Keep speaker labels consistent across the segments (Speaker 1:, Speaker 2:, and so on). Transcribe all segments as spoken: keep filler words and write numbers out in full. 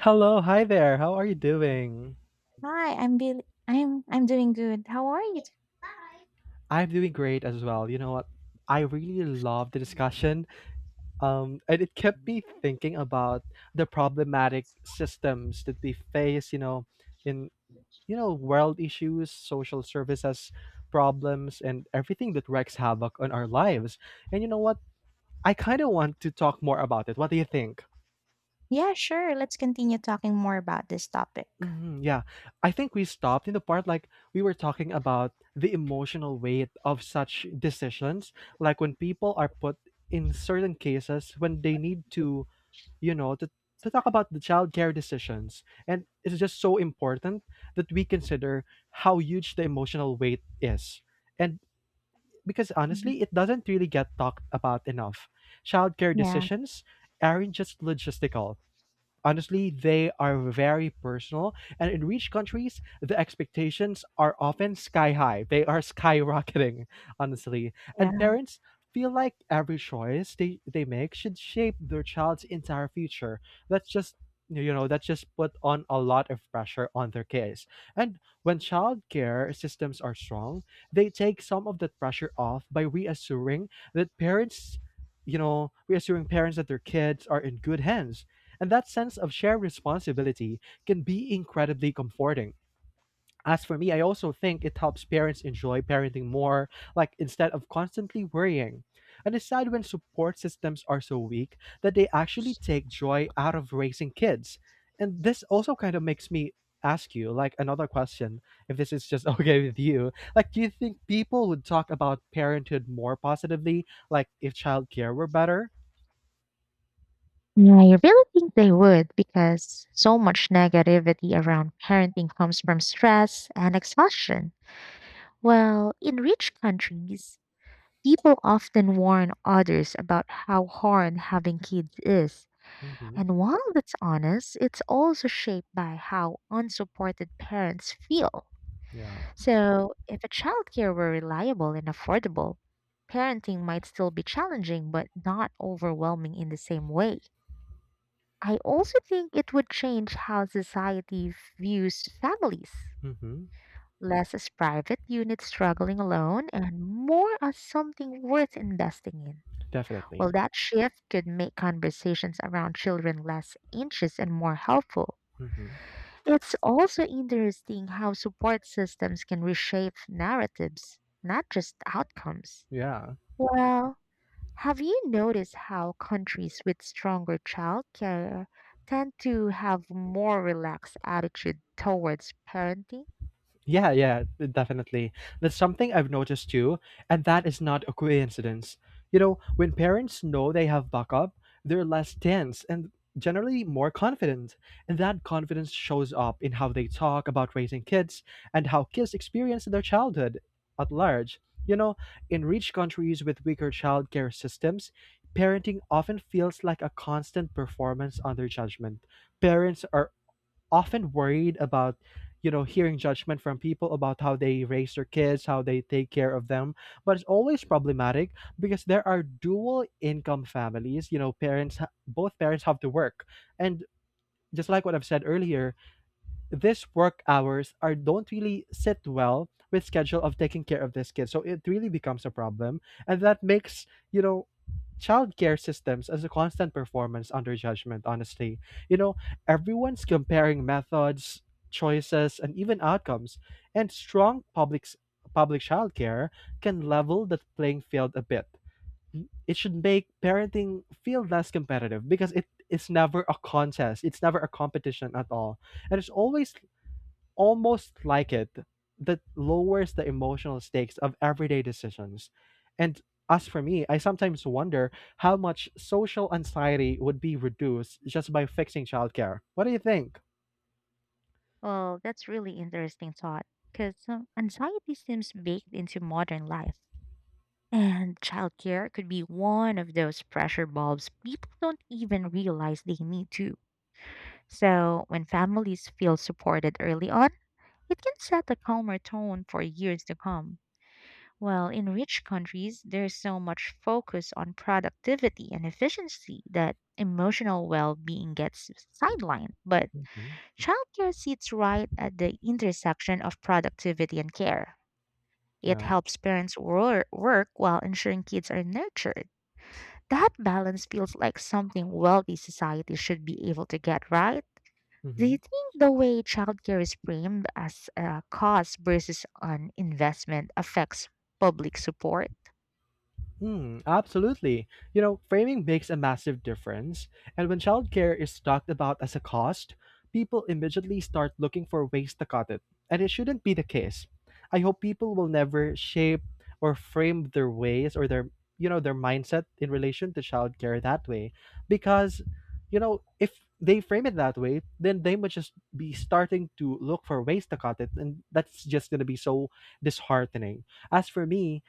Speaker 1: Hello, hi there. How are you doing?
Speaker 2: Hi, I'm Bill. I'm I'm doing good. How are you?
Speaker 1: I'm doing great as well. You know what? I really love the discussion. Um, and it kept me thinking about the problematic systems that we face, you know, in you know, world issues, social services problems, and everything that wreaks havoc on our lives. And you know what? I kind of want to talk more about it. What do you think?
Speaker 2: Yeah, sure. Let's continue talking more about this topic.
Speaker 1: Mhm, yeah. I think we stopped in the part like we were talking about the emotional weight of such decisions, like when people are put in certain cases when they need to, you know, to, to talk about the childcare decisions. And it's just so important that we consider how huge the emotional weight is. And because
Speaker 2: Mhm.
Speaker 1: honestly, it doesn't really get talked about enough. Childcare
Speaker 2: Yeah,
Speaker 1: decisions aren't just logistical. Honestly, they are very personal, and in rich countries, the expectations are often sky high. They are skyrocketing, honestly. And
Speaker 2: yeah.
Speaker 1: parents feel like every choice they, they make should shape their child's entire future. That's just you know that's just put on a lot of pressure on their kids. And when childcare systems are strong, they take some of that pressure off by reassuring that parents you know reassuring parents that their kids are in good hands. And that sense of shared responsibility can be incredibly comforting. As for me, I also think it helps parents enjoy parenting more, like instead of constantly worrying. And it's sad when support systems are so weak that they actually take joy out of raising kids. And this also kind of makes me ask you, like, another question, if this is just okay with you. Like, do you think people would talk about parenthood more positively, like, if childcare were better?
Speaker 2: Yeah, I really think they would because so much negativity around parenting comes from stress and exhaustion. Well, in rich countries, people often warn others about how hard having kids is.
Speaker 1: Mhm.
Speaker 2: And while that's honest, it's also shaped by how unsupported parents feel.
Speaker 1: Yeah.
Speaker 2: So, if a childcare were reliable and affordable, parenting might still be challenging but not overwhelming in the same way. I also think it would change how society views families,
Speaker 1: Mhm.
Speaker 2: less as private units struggling alone and more as something worth investing in. Well,
Speaker 1: Definitely.
Speaker 2: that shift could make conversations around children less anxious and more helpful.
Speaker 1: Mhm.
Speaker 2: It's also interesting how support systems can reshape narratives, not just outcomes.
Speaker 1: Yeah,
Speaker 2: Well, have you noticed how countries with stronger child care tend to have more relaxed attitude towards parenting?
Speaker 1: yeah, yeah, definitely. That's something I've noticed too, and that is not a coincidence. You know, when parents know they have backup, they're less tense and generally more confident. And that confidence shows up in how they talk about raising kids and how kids experience their childhood at large. You know, in rich countries with weaker childcare systems, parenting often feels like a constant performance under judgment. Parents are often worried about, you know, hearing judgment from people about how they raise their kids, how they take care of them. But it's always problematic because there are dual income families, you know, parents ha- both parents have to work. And just like what I've said earlier, these work hours are don't really sit well with schedule of taking care of this kid. So it really becomes a problem. And that makes, you know, childcare systems as a constant performance under judgment, honestly. You know, everyone's comparing methods, choices, and even outcomes. And strong public s- public childcare can level the playing field a bit. It should make parenting feel less competitive because it is never a contest. It's never a competition at all. And it's always almost like it that lowers the emotional stakes of everyday decisions. And as for me, I sometimes wonder how much social anxiety would be reduced just by fixing childcare. What do you think?
Speaker 2: Well, that's really interesting thought because anxiety seems baked into modern life. And childcare could be one of those pressure bulbs people don't even realize they need to. So, when families feel supported early on, it can set a calmer tone for years to come. While in rich countries, there's so much focus on productivity and efficiency that emotional well being gets sidelined. But
Speaker 1: Hmm.
Speaker 2: childcare sits right at the intersection of productivity and care. It
Speaker 1: Yeah.
Speaker 2: helps parents wor- work while ensuring kids are nurtured. That balance feels like something wealthy society should be able to get right. Do you
Speaker 1: Mhm.
Speaker 2: think the way childcare is framed as a cost versus an investment affects public support?
Speaker 1: Hmm, absolutely. You know, framing makes a massive difference. And when childcare is talked about as a cost, people immediately start looking for ways to cut it. And it shouldn't be the case. I hope people will never shape or frame their ways or their, you know, their mindset in relation to childcare that way. Because, you know, if they frame it that way, then they must just be starting to look for ways to cut it. And that's just going to be so disheartening. As for me,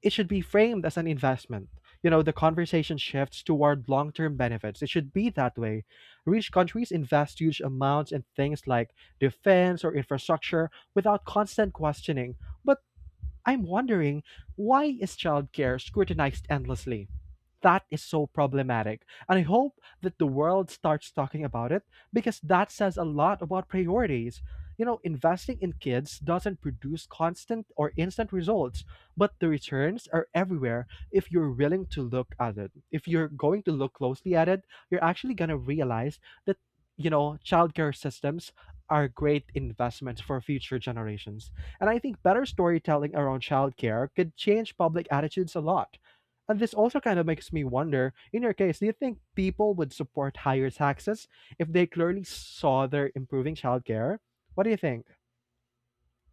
Speaker 1: it should be framed as an investment. You know, the conversation shifts toward long term benefits. It should be that way. Rich countries invest huge amounts in things like defense or infrastructure without constant questioning. But I'm wondering, why is childcare scrutinized endlessly? That is so problematic. And I hope that the world starts talking about it because that says a lot about priorities. You know, investing in kids doesn't produce constant or instant results, but the returns are everywhere if you're willing to look at it. If you're going to look closely at it, you're actually going to realize that, you know, childcare systems are great investments for future generations. And I think better storytelling around childcare could change public attitudes a lot. And this also kind of makes me wonder, in your case, do you think people would support higher taxes if they clearly saw they're improving childcare? What do you think?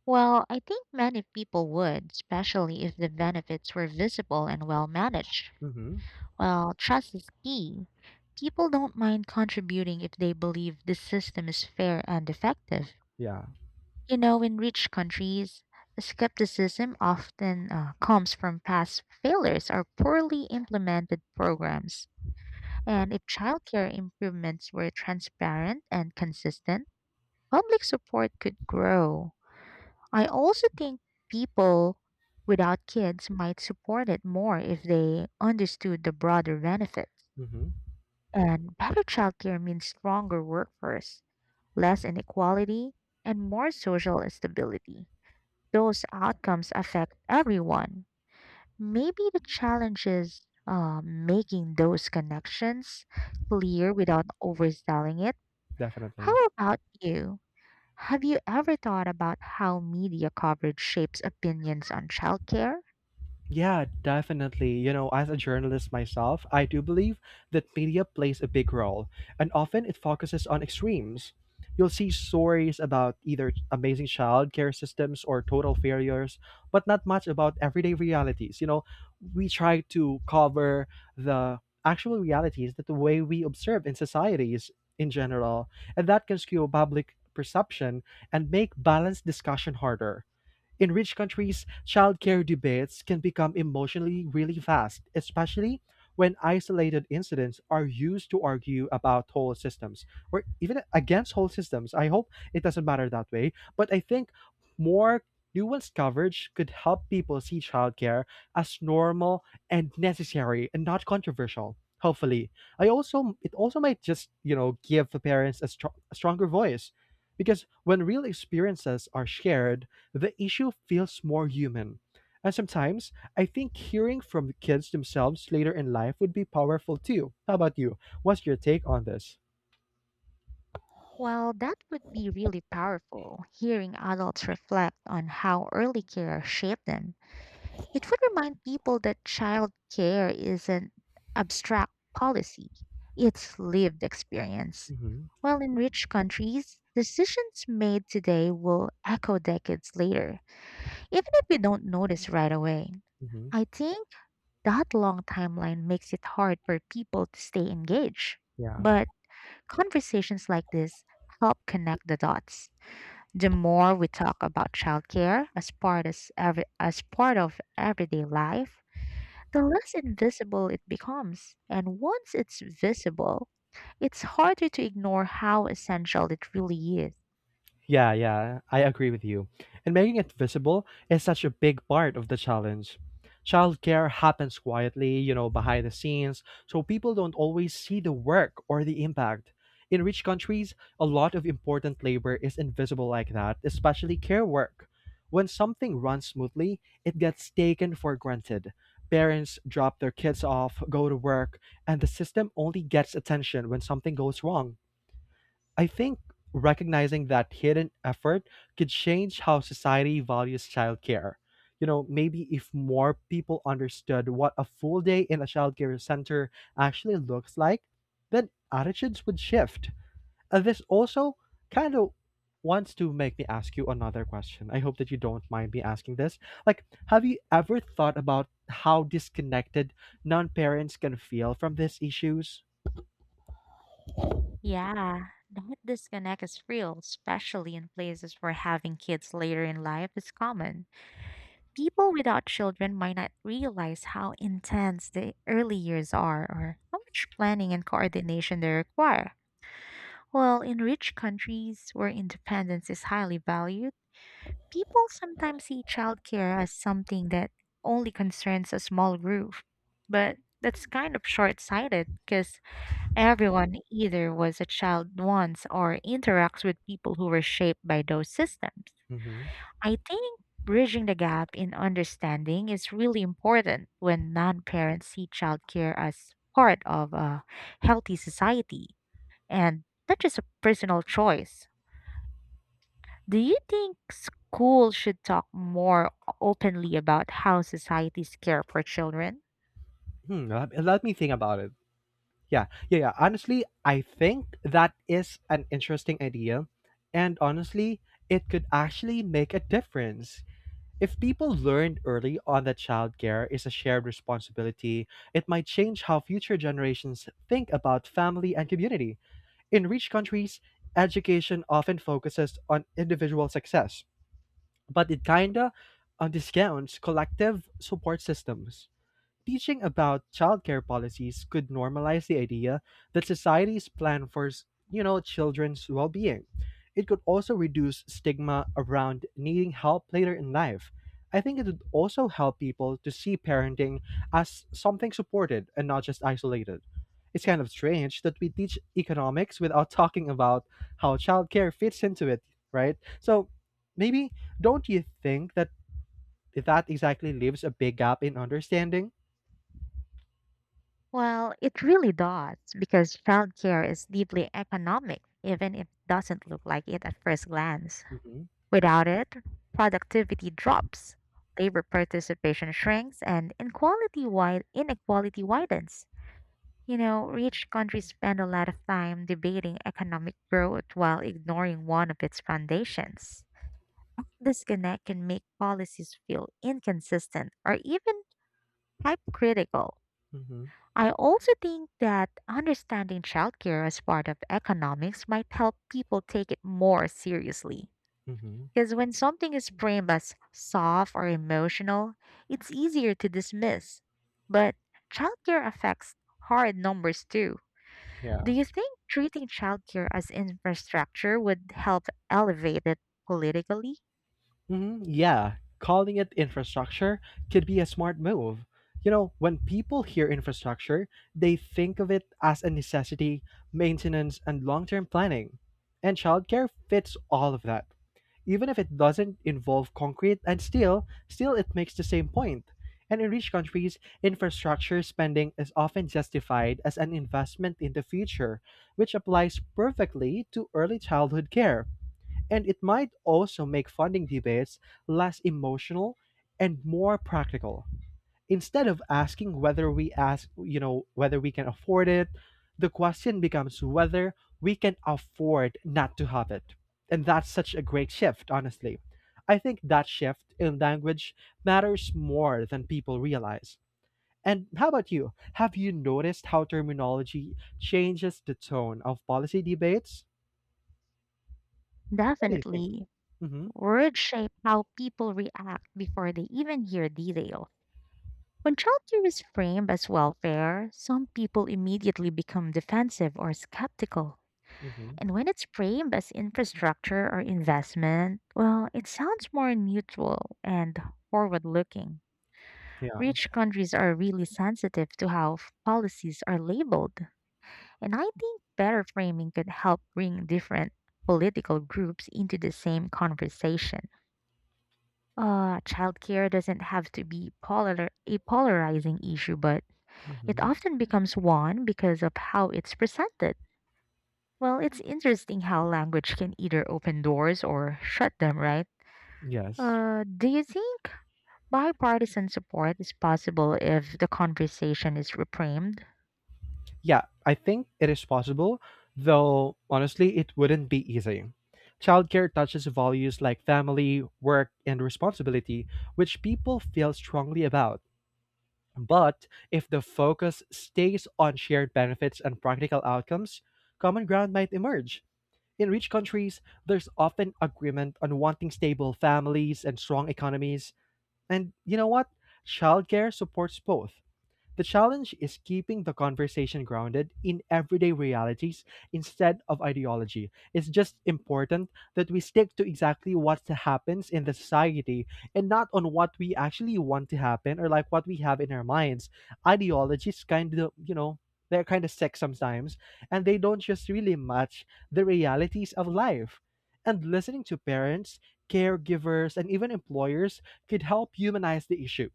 Speaker 2: Well, I think many people would, especially if the benefits were visible and well managed.
Speaker 1: Hmm.
Speaker 2: Well, trust is key. People don't mind contributing if they believe the system is fair and effective.
Speaker 1: Yeah.
Speaker 2: You know, in rich countries, skepticism often uh, comes from past failures or poorly implemented programs. And if childcare improvements were transparent and consistent, public support could grow. I also think people without kids might support it more if they understood the broader benefits.
Speaker 1: Hmm.
Speaker 2: And better childcare means stronger workforce, less inequality, and more social stability. Those outcomes affect everyone. Maybe the challenge is uh, making those connections clear without overselling it.
Speaker 1: Definitely.
Speaker 2: How about you? Have you ever thought about how media coverage shapes opinions on childcare?
Speaker 1: Yeah, definitely. You know, as a journalist myself, I do believe that media plays a big role, and often it focuses on extremes. You'll see stories about either amazing childcare systems or total failures, but not much about everyday realities. You know, we try to cover the actual realities that the way we observe in societies in general, and that can skew public perception and make balanced discussion harder. In rich countries, childcare debates can become emotionally really fast, especially when isolated incidents are used to argue about whole systems or even against whole systems. I hope it doesn't matter that way, but I think more nuanced coverage could help people see childcare as normal and necessary and not controversial. Hopefully, I also it also might just you know give the parents a, str- a stronger voice because when real experiences are shared, the issue feels more human. And sometimes I think hearing from the kids themselves later in life would be powerful too. How about you? What's your take on this?
Speaker 2: Well, that would be really powerful, hearing adults reflect on how early care shaped them. It would remind people that childcare isn't abstract policy, it's lived experience.
Speaker 1: Mm-hmm.
Speaker 2: While in rich countries, decisions made today will echo decades later, even if we don't notice right away.
Speaker 1: Mm-hmm.
Speaker 2: I think that long timeline makes it hard for people to stay engaged.
Speaker 1: Yeah.
Speaker 2: But conversations like this help connect the dots. The more we talk about childcare as part as, every, as part of everyday life, the less invisible it becomes. And once it's visible, it's harder to ignore how essential it really is.
Speaker 1: Yeah, yeah, I agree with you. And making it visible is such a big part of the challenge. Childcare happens quietly, you know, behind the scenes, so people don't always see the work or the impact. In rich countries, a lot of important labor is invisible like that, especially care work. When something runs smoothly, it gets taken for granted. Parents drop their kids off, go to work, and the system only gets attention when something goes wrong. I think recognizing that hidden effort could change how society values childcare. You know, maybe if more people understood what a full day in a childcare center actually looks like, then attitudes would shift. And this also kind of wants to make me ask you another question. I hope that you don't mind me asking this. Like, have you ever thought about how disconnected non parents can feel from these issues?
Speaker 2: Yeah, that disconnect is real, especially in places where having kids later in life is common. People without children might not realize how intense the early years are or how much planning and coordination they require. While in rich countries where independence is highly valued, people sometimes see childcare as something that only concerns a small group. But that's kind of short sighted because everyone either was a child once or interacts with people who were shaped by those systems.
Speaker 1: Mhm.
Speaker 2: I think bridging the gap in understanding is really important when non parents see childcare as part of a healthy society and not just a personal choice. Do you think schools should talk more openly about how societies care for children?
Speaker 1: Hmm, let let me think about it. Yeah, yeah, yeah. Honestly, I think that is an interesting idea, and honestly, it could actually make a difference. If people learned early on that childcare is a shared responsibility, it might change how future generations think about family and community. In rich countries, education often focuses on individual success, but it kinda uh, discounts collective support systems. Teaching about childcare policies could normalize the idea that societies plan for, s- you know, children's well-being. It could also reduce stigma around needing help later in life. I think it would also help people to see parenting as something supported and not just isolated. It's kind of strange that we teach economics without talking about how childcare fits into it, right? So maybe, don't you think that that exactly leaves a big gap in understanding?
Speaker 2: Well, it really does because childcare is deeply economic, even if it doesn't look like it at first glance.
Speaker 1: Mm-hmm.
Speaker 2: Without it, productivity drops, labor participation shrinks, and inequality, wide, inequality widens. You know, rich countries spend a lot of time debating economic growth while ignoring one of its foundations. Disconnect can make policies feel inconsistent or even hypocritical.
Speaker 1: Mhm,
Speaker 2: I also think that understanding childcare as part of economics might help people take it more seriously.
Speaker 1: mhm,
Speaker 2: Because when something is framed as soft or emotional, it's easier to dismiss. But childcare affects hard numbers too. Do
Speaker 1: yeah.
Speaker 2: you think treating childcare as infrastructure would help elevate it politically?
Speaker 1: Mhm, yeah, calling it infrastructure could be a smart move. You know, when people hear infrastructure, they think of it as a necessity, maintenance, and long term planning. And childcare fits all of that. Even if it doesn't involve concrete and steel, still it makes the same point. And in rich countries, infrastructure spending is often justified as an investment in the future, which applies perfectly to early childhood care. And it might also make funding debates less emotional and more practical. Instead of asking whether we ask, you know, whether we can afford it, the question becomes whether we can afford not to have it. And that's such a great shift, honestly. I think that shift in language matters more than people realize. And how about you? Have you noticed how terminology changes the tone of policy debates? What do you think?
Speaker 2: Definitely.
Speaker 1: Mm-hmm.
Speaker 2: Words shape how people react before they even hear detail. When childcare is framed as welfare, some people immediately become defensive or skeptical.
Speaker 1: Mm-hmm.
Speaker 2: And when it's framed as infrastructure or investment, well, it sounds more neutral and forward looking. Rich countries are really sensitive to how f- policies are labeled, and I think better framing could help bring different political groups into the same conversation. Uh, childcare doesn't have to be polar- a polarizing issue, but it
Speaker 1: Hmm.
Speaker 2: often becomes one because of how it's presented. Well, it's interesting how language can either open doors or shut them, right?
Speaker 1: Yes.
Speaker 2: Uh, do you think bipartisan support is possible if the conversation is reframed?
Speaker 1: Yeah, I think it is possible, though honestly, it wouldn't be easy. Childcare touches values like family, work, and responsibility, which people feel strongly about. But if the focus stays on shared benefits and practical outcomes, common ground might emerge. In rich countries, there's often agreement on wanting stable families and strong economies. And you know what? Childcare supports both. The challenge is keeping the conversation grounded in everyday realities instead of ideology. It's just important that we stick to exactly what happens in the society and not on what we actually want to happen or like what we have in our minds. Ideologies kind of, you know, they're kind of sick sometimes and they don't just really match the realities of life. And listening to parents, caregivers, and even employers could help humanize the issue.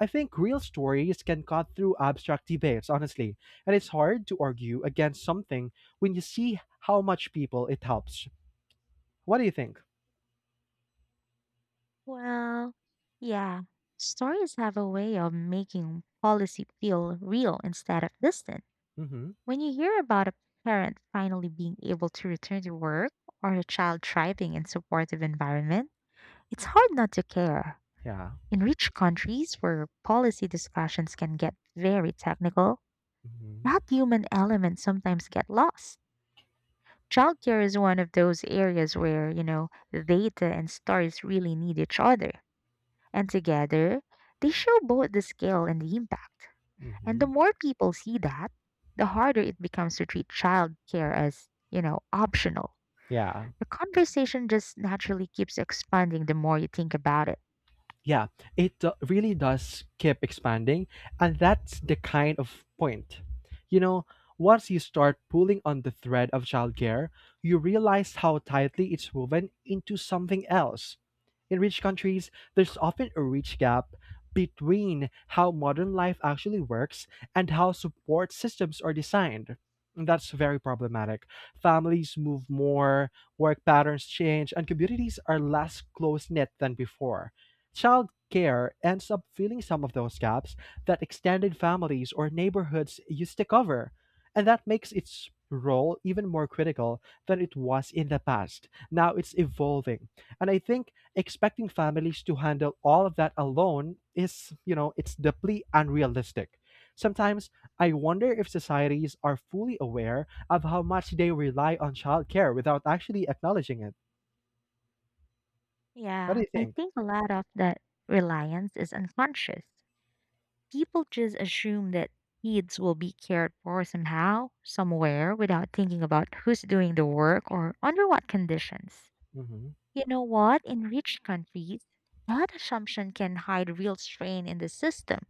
Speaker 1: I think real stories can cut through abstract debates, honestly, and it's hard to argue against something when you see how much people it helps. What do you think?
Speaker 2: Well, yeah, stories have a way of making policy feel real instead of distant.
Speaker 1: Mm-hmm.
Speaker 2: When you hear about a parent finally being able to return to work or a child thriving in supportive environment, it's hard not to care.
Speaker 1: Yeah.
Speaker 2: In rich countries where policy discussions can get very technical,
Speaker 1: Mm-hmm.
Speaker 2: that human element sometimes get lost. Childcare is one of those areas where, you know, data and stories really need each other. And together, they show both the scale and the impact. And
Speaker 1: Mm-hmm.
Speaker 2: the more people see that, the harder it becomes to treat childcare as, you know, optional.
Speaker 1: Yeah.
Speaker 2: The conversation just naturally keeps expanding the more you think about it.
Speaker 1: Yeah, it do- really does keep expanding, and that's the kind of point. You know, once you start pulling on the thread of childcare, you realize how tightly it's woven into something else. In rich countries, there's often a rich gap between how modern life actually works and how support systems are designed. And that's very problematic. Families move more, work patterns change, and communities are less close knit than before. Child care ends up filling some of those gaps that extended families or neighborhoods used to cover, and that makes its role even more critical than it was in the past. Now it's evolving. And I think expecting families to handle all of that alone is, you know, it's deeply unrealistic. Sometimes I wonder if societies are fully aware of how much they rely on childcare without actually acknowledging it. What do
Speaker 2: Yeah,
Speaker 1: you
Speaker 2: I
Speaker 1: think?
Speaker 2: think a lot of that reliance is unconscious. People just assume that kids will be cared for somehow, somewhere, without thinking about who's doing the work or under what conditions.
Speaker 1: Hmm.
Speaker 2: You know what? In rich countries, that assumption can hide real strain in the system.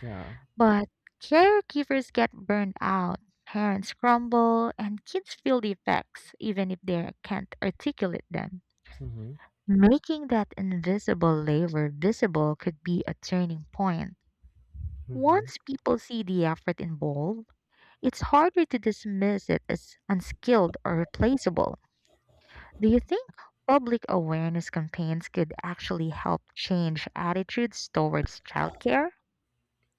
Speaker 1: Yeah.
Speaker 2: But caregivers get burned out, parents crumble, and kids feel the effects even if they can't articulate them.
Speaker 1: Hmm.
Speaker 2: Making that invisible labor visible could be a turning point.
Speaker 1: Hmm.
Speaker 2: Once people see the effort involved, it's harder to dismiss it as unskilled or replaceable. Do you think public awareness campaigns could actually help change attitudes towards childcare?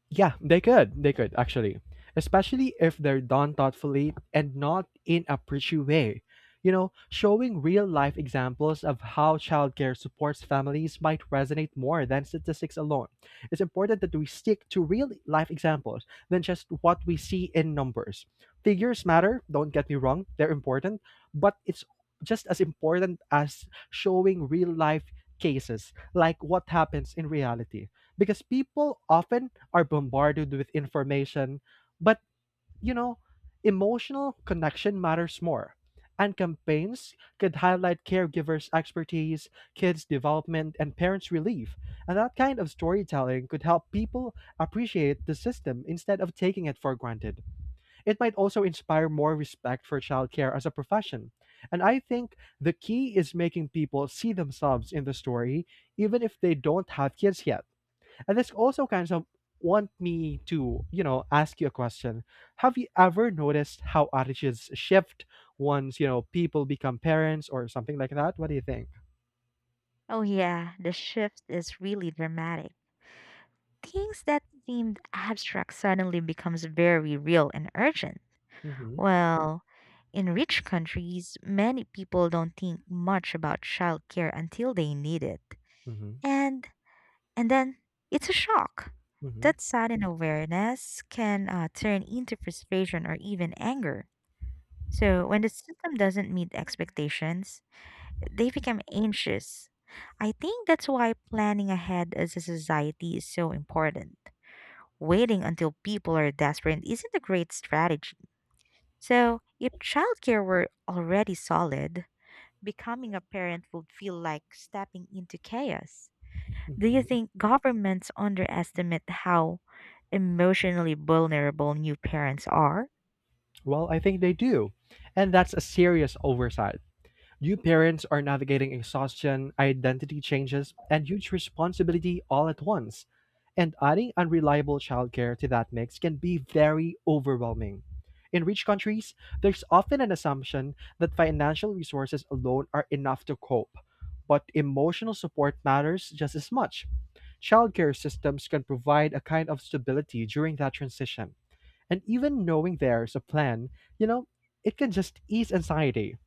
Speaker 1: Yeah, they could. They could, actually. Especially if they're done thoughtfully and not in a preachy way. You know, showing real life examples of how childcare supports families might resonate more than statistics alone. It's important that we stick to real life examples than just what we see in numbers. Figures matter, don't get me wrong, they're important, but it's just as important as showing real life cases, like what happens in reality, because people often are bombarded with information, but you know, emotional connection matters more. And campaigns could highlight caregivers' expertise, kids' development, and parents' relief. And that kind of storytelling could help people appreciate the system instead of taking it for granted. It might also inspire more respect for childcare as a profession. And I think the key is making people see themselves in the story, even if they don't have kids yet. And this also kind of want me to, you know, ask you a question. Have you ever noticed how attitudes shift once, you know, people become parents or something like that? What do you think?
Speaker 2: Oh, yeah, the shift is really dramatic. Things that seemed abstract suddenly becomes very real and urgent.
Speaker 1: Mm-hmm.
Speaker 2: Well, in rich countries, many people don't think much about childcare until they need it.
Speaker 1: Mm-hmm.
Speaker 2: And and then it's a shock.
Speaker 1: Mm-hmm.
Speaker 2: That sudden awareness can uh, turn into frustration or even anger. So when the system doesn't meet expectations, they become anxious. I think that's why planning ahead as a society is so important. Waiting until people are desperate isn't a great strategy. So, if childcare were already solid, becoming a parent would feel like stepping into chaos. Do you
Speaker 1: Hmm.
Speaker 2: think governments underestimate how emotionally vulnerable new parents are?
Speaker 1: Well, I think they do. And that's a serious oversight. New parents are navigating exhaustion, identity changes, and huge responsibility all at once. And adding unreliable childcare to that mix can be very overwhelming. In rich countries, there's often an assumption that financial resources alone are enough to cope. But emotional support matters just as much. Childcare systems can provide a kind of stability during that transition. And even knowing there's a plan, you know, it can just ease anxiety.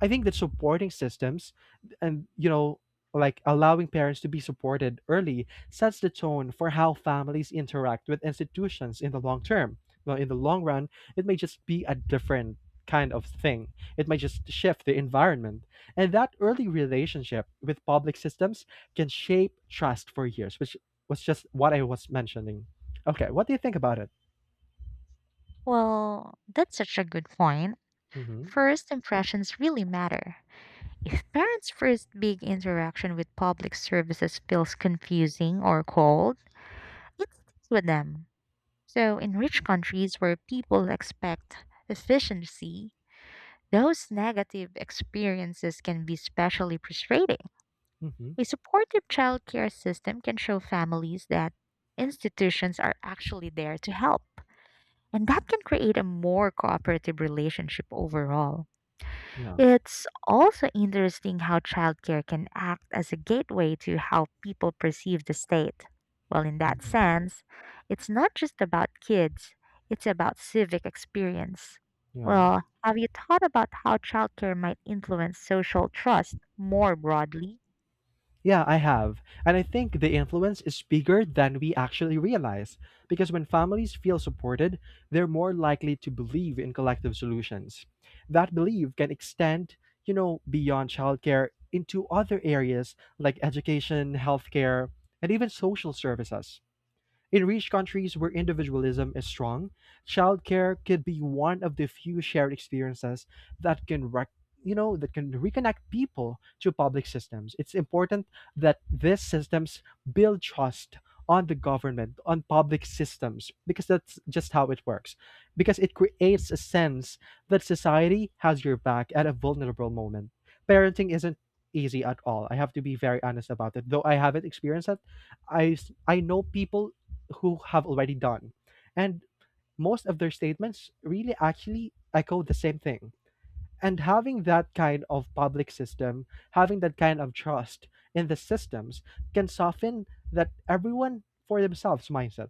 Speaker 1: I think that supporting systems and, you know, like allowing parents to be supported early sets the tone for how families interact with institutions in the long term. Well, in the long run, it may just be a different kind of thing. It might just shift the environment. And that early relationship with public systems can shape trust for years, which was just what I was mentioning. Okay, what do you think about it?
Speaker 2: Well, that's such a good point.
Speaker 1: Mm-hmm.
Speaker 2: First impressions really matter. If parents' first big interaction with public services feels confusing or cold, it sticks with them. So, in rich countries where people expect efficiency, those negative experiences can be especially frustrating.
Speaker 1: Mm-hmm.
Speaker 2: A supportive childcare system can show families that institutions are actually there to help, and that can create a more cooperative relationship overall.
Speaker 1: Yeah.
Speaker 2: It's also interesting how childcare can act as a gateway to how people perceive the state. Well, in that
Speaker 1: Hmm.
Speaker 2: sense, it's not just about kids, it's about civic experience.
Speaker 1: Yeah.
Speaker 2: Well, have you thought about how childcare might influence social trust more broadly?
Speaker 1: Yeah, I have. And I think the influence is bigger than we actually realize. Because when families feel supported, they're more likely to believe in collective solutions. That belief can extend, you know, beyond childcare into other areas like education, healthcare, and even social services. In rich countries where individualism is strong, childcare could be one of the few shared experiences that can rec- you know, that can reconnect people to public systems. It's important that these systems build trust on the government, on public systems, because that's just how it works. Because it creates a sense that society has your back at a vulnerable moment. Parenting isn't easy at all. I have to be very honest about it. Though I haven't experienced it, I s- I know people who have already done. And most of their statements really actually echo the same thing. And having that kind of public system, having that kind of trust in the systems can soften that everyone for themselves mindset.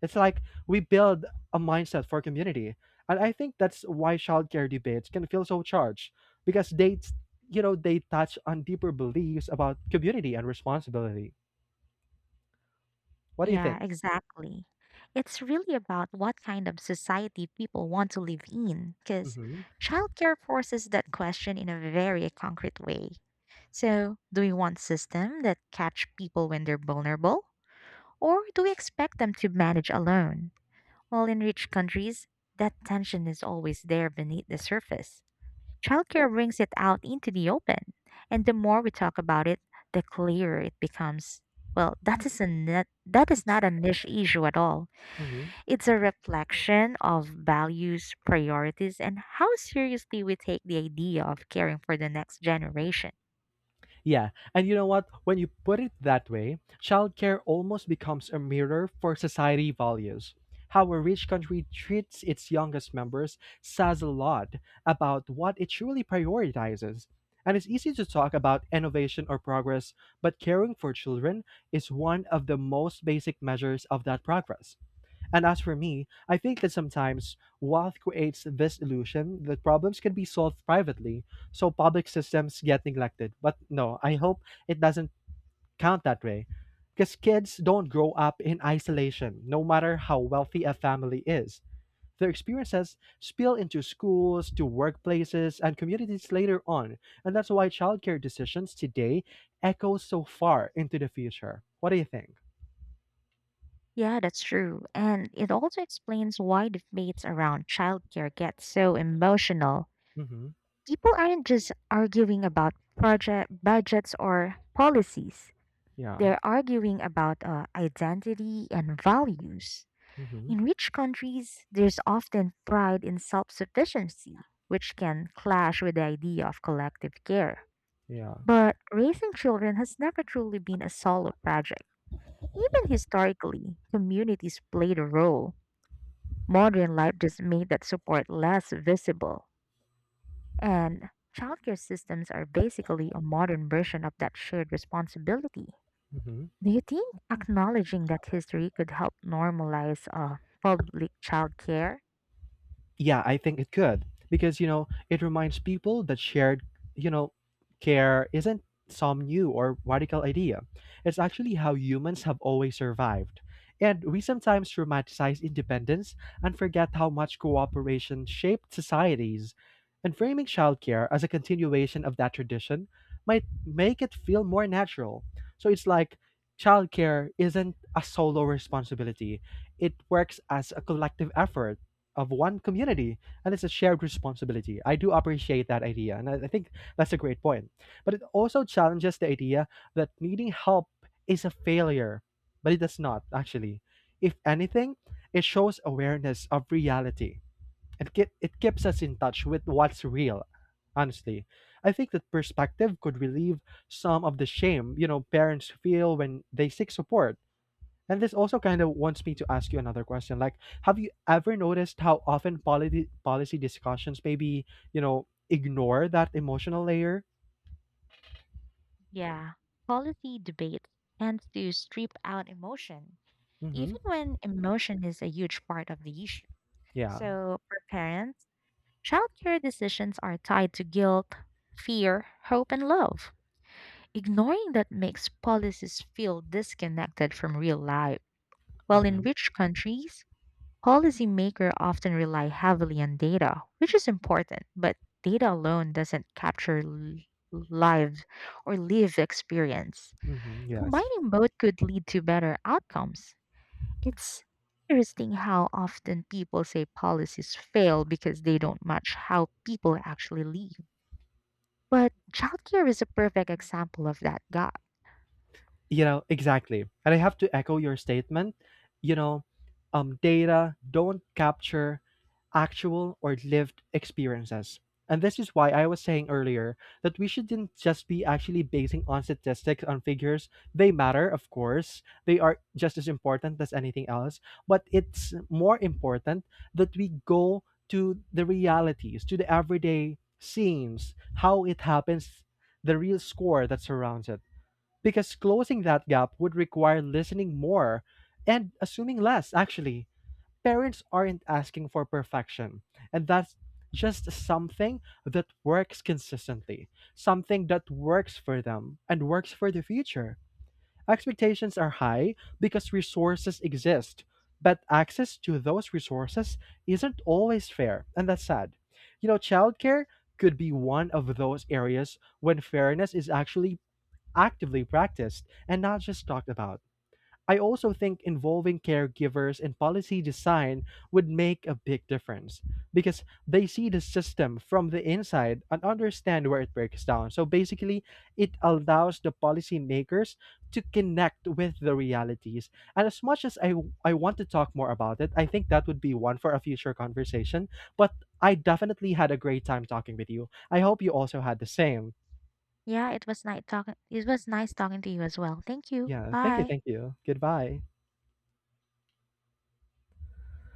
Speaker 1: It's like we build a mindset for community. And I think that's why childcare debates can feel so charged because they, you know, they touch on deeper beliefs about community and responsibility. What do you
Speaker 2: Yeah,
Speaker 1: think?
Speaker 2: exactly. It's really about what kind of society people want to live in, because
Speaker 1: Hmm.
Speaker 2: childcare forces that question in a very concrete way. So, do we want system that catch people when they're vulnerable, or do we expect them to manage alone? Well, in rich countries, that tension is always there beneath the surface. Childcare brings it out into the open. And the more we talk about it, the clearer it becomes. Well, that is a net, that is not a niche issue at all. It's a reflection of values, priorities, and how seriously we take the idea of caring for the next generation.
Speaker 1: Yeah, and you know what? When you put it that way, childcare almost becomes a mirror for society values. How a rich country treats its youngest members says a lot about what it truly prioritizes. And it's easy to talk about innovation or progress, but caring for children is one of the most basic measures of that progress. And as for me, I think that sometimes wealth creates this illusion that problems can be solved privately, so public systems get neglected. But no, I hope it doesn't count that way. Because kids don't grow up in isolation, no matter how wealthy a family is. Their experiences spill into schools, to workplaces, and communities later on. And that's why childcare decisions today echo so far into the future. What do you think?
Speaker 2: Yeah, that's true. And it also explains why debates around childcare get so emotional.
Speaker 1: Mm-hmm.
Speaker 2: People aren't just arguing about project budgets or policies.
Speaker 1: Yeah.
Speaker 2: They're arguing about uh, identity and values.
Speaker 1: Mm-hmm.
Speaker 2: In rich countries, there's often pride in self sufficiency, which can clash with the idea of collective care.
Speaker 1: Yeah.
Speaker 2: But raising children has never truly been a solo project. Even historically, communities played a role. Modern life just made that support less visible. And childcare systems are basically a modern version of that shared responsibility.
Speaker 1: Mm-hmm.
Speaker 2: Do you think acknowledging that history could help normalize uh, public childcare?
Speaker 1: Yeah, I think it could, because you know it reminds people that shared, you know, care isn't some new or radical idea. It's actually how humans have always survived. And we sometimes romanticize independence and forget how much cooperation shaped societies. And framing childcare as a continuation of that tradition might make it feel more natural. So it's like childcare isn't a solo responsibility, it works as a collective effort of one community and it's a shared responsibility. I do appreciate that idea, and I, I think that's a great point. But it also challenges the idea that needing help is a failure, but it does not actually. If anything, it shows awareness of reality. It ke- it keeps us in touch with what's real. Honestly, I think that perspective could relieve some of the shame you know parents feel when they seek support, and this also kind of wants me to ask you another question. Like, have you ever noticed how often policy policy discussions maybe, you know, ignore that emotional layer?
Speaker 2: Yeah, policy debate tends to strip out emotion,
Speaker 1: Mm-hmm.
Speaker 2: even when emotion is a huge part of the issue.
Speaker 1: Yeah.
Speaker 2: So, for parents, childcare decisions are tied to guilt, fear, hope, and love. Ignoring that makes policies feel disconnected from real life. While in
Speaker 1: Mm-hmm.
Speaker 2: rich countries, policymakers often rely heavily on data, which is important, but data alone doesn't capture l- lives or lived experience.
Speaker 1: Mm-hmm. Yes.
Speaker 2: Combining both could lead to better outcomes. It's interesting how often people say policies fail because they don't match how people actually live. But childcare is a perfect example of that gap.
Speaker 1: You know, exactly, and I have to echo your statement. you know um data don't capture actual or lived experiences, and this is why I was saying earlier that we shouldn't just be actually basing on statistics, on figures. They matter, of course, they are just as important as anything else, but it's more important that we go to the realities, to the everyday scenes, how it happens, the real score that surrounds it. Because closing that gap would require listening more and assuming less. Actually, parents aren't asking for perfection, and that's just something that works consistently, something that works for them and works for the future. Expectations are high because resources exist, but access to those resources isn't always fair, and that's sad. You know, childcare could be one of those areas when fairness is actually actively practiced and not just talked about. I also think involving caregivers in policy design would make a big difference, because they see the system from the inside and understand where it breaks down. So basically, it allows the policymakers to connect with the realities. And as much as I, I want to talk more about it, I think that would be one for a future conversation. But I definitely had a great time talking with you. I hope you also had the same.
Speaker 2: Yeah, it was nice talking. It was nice talking to you as well. Thank you.
Speaker 1: Yeah, thank you,
Speaker 2: Bye.
Speaker 1: thank you. Goodbye.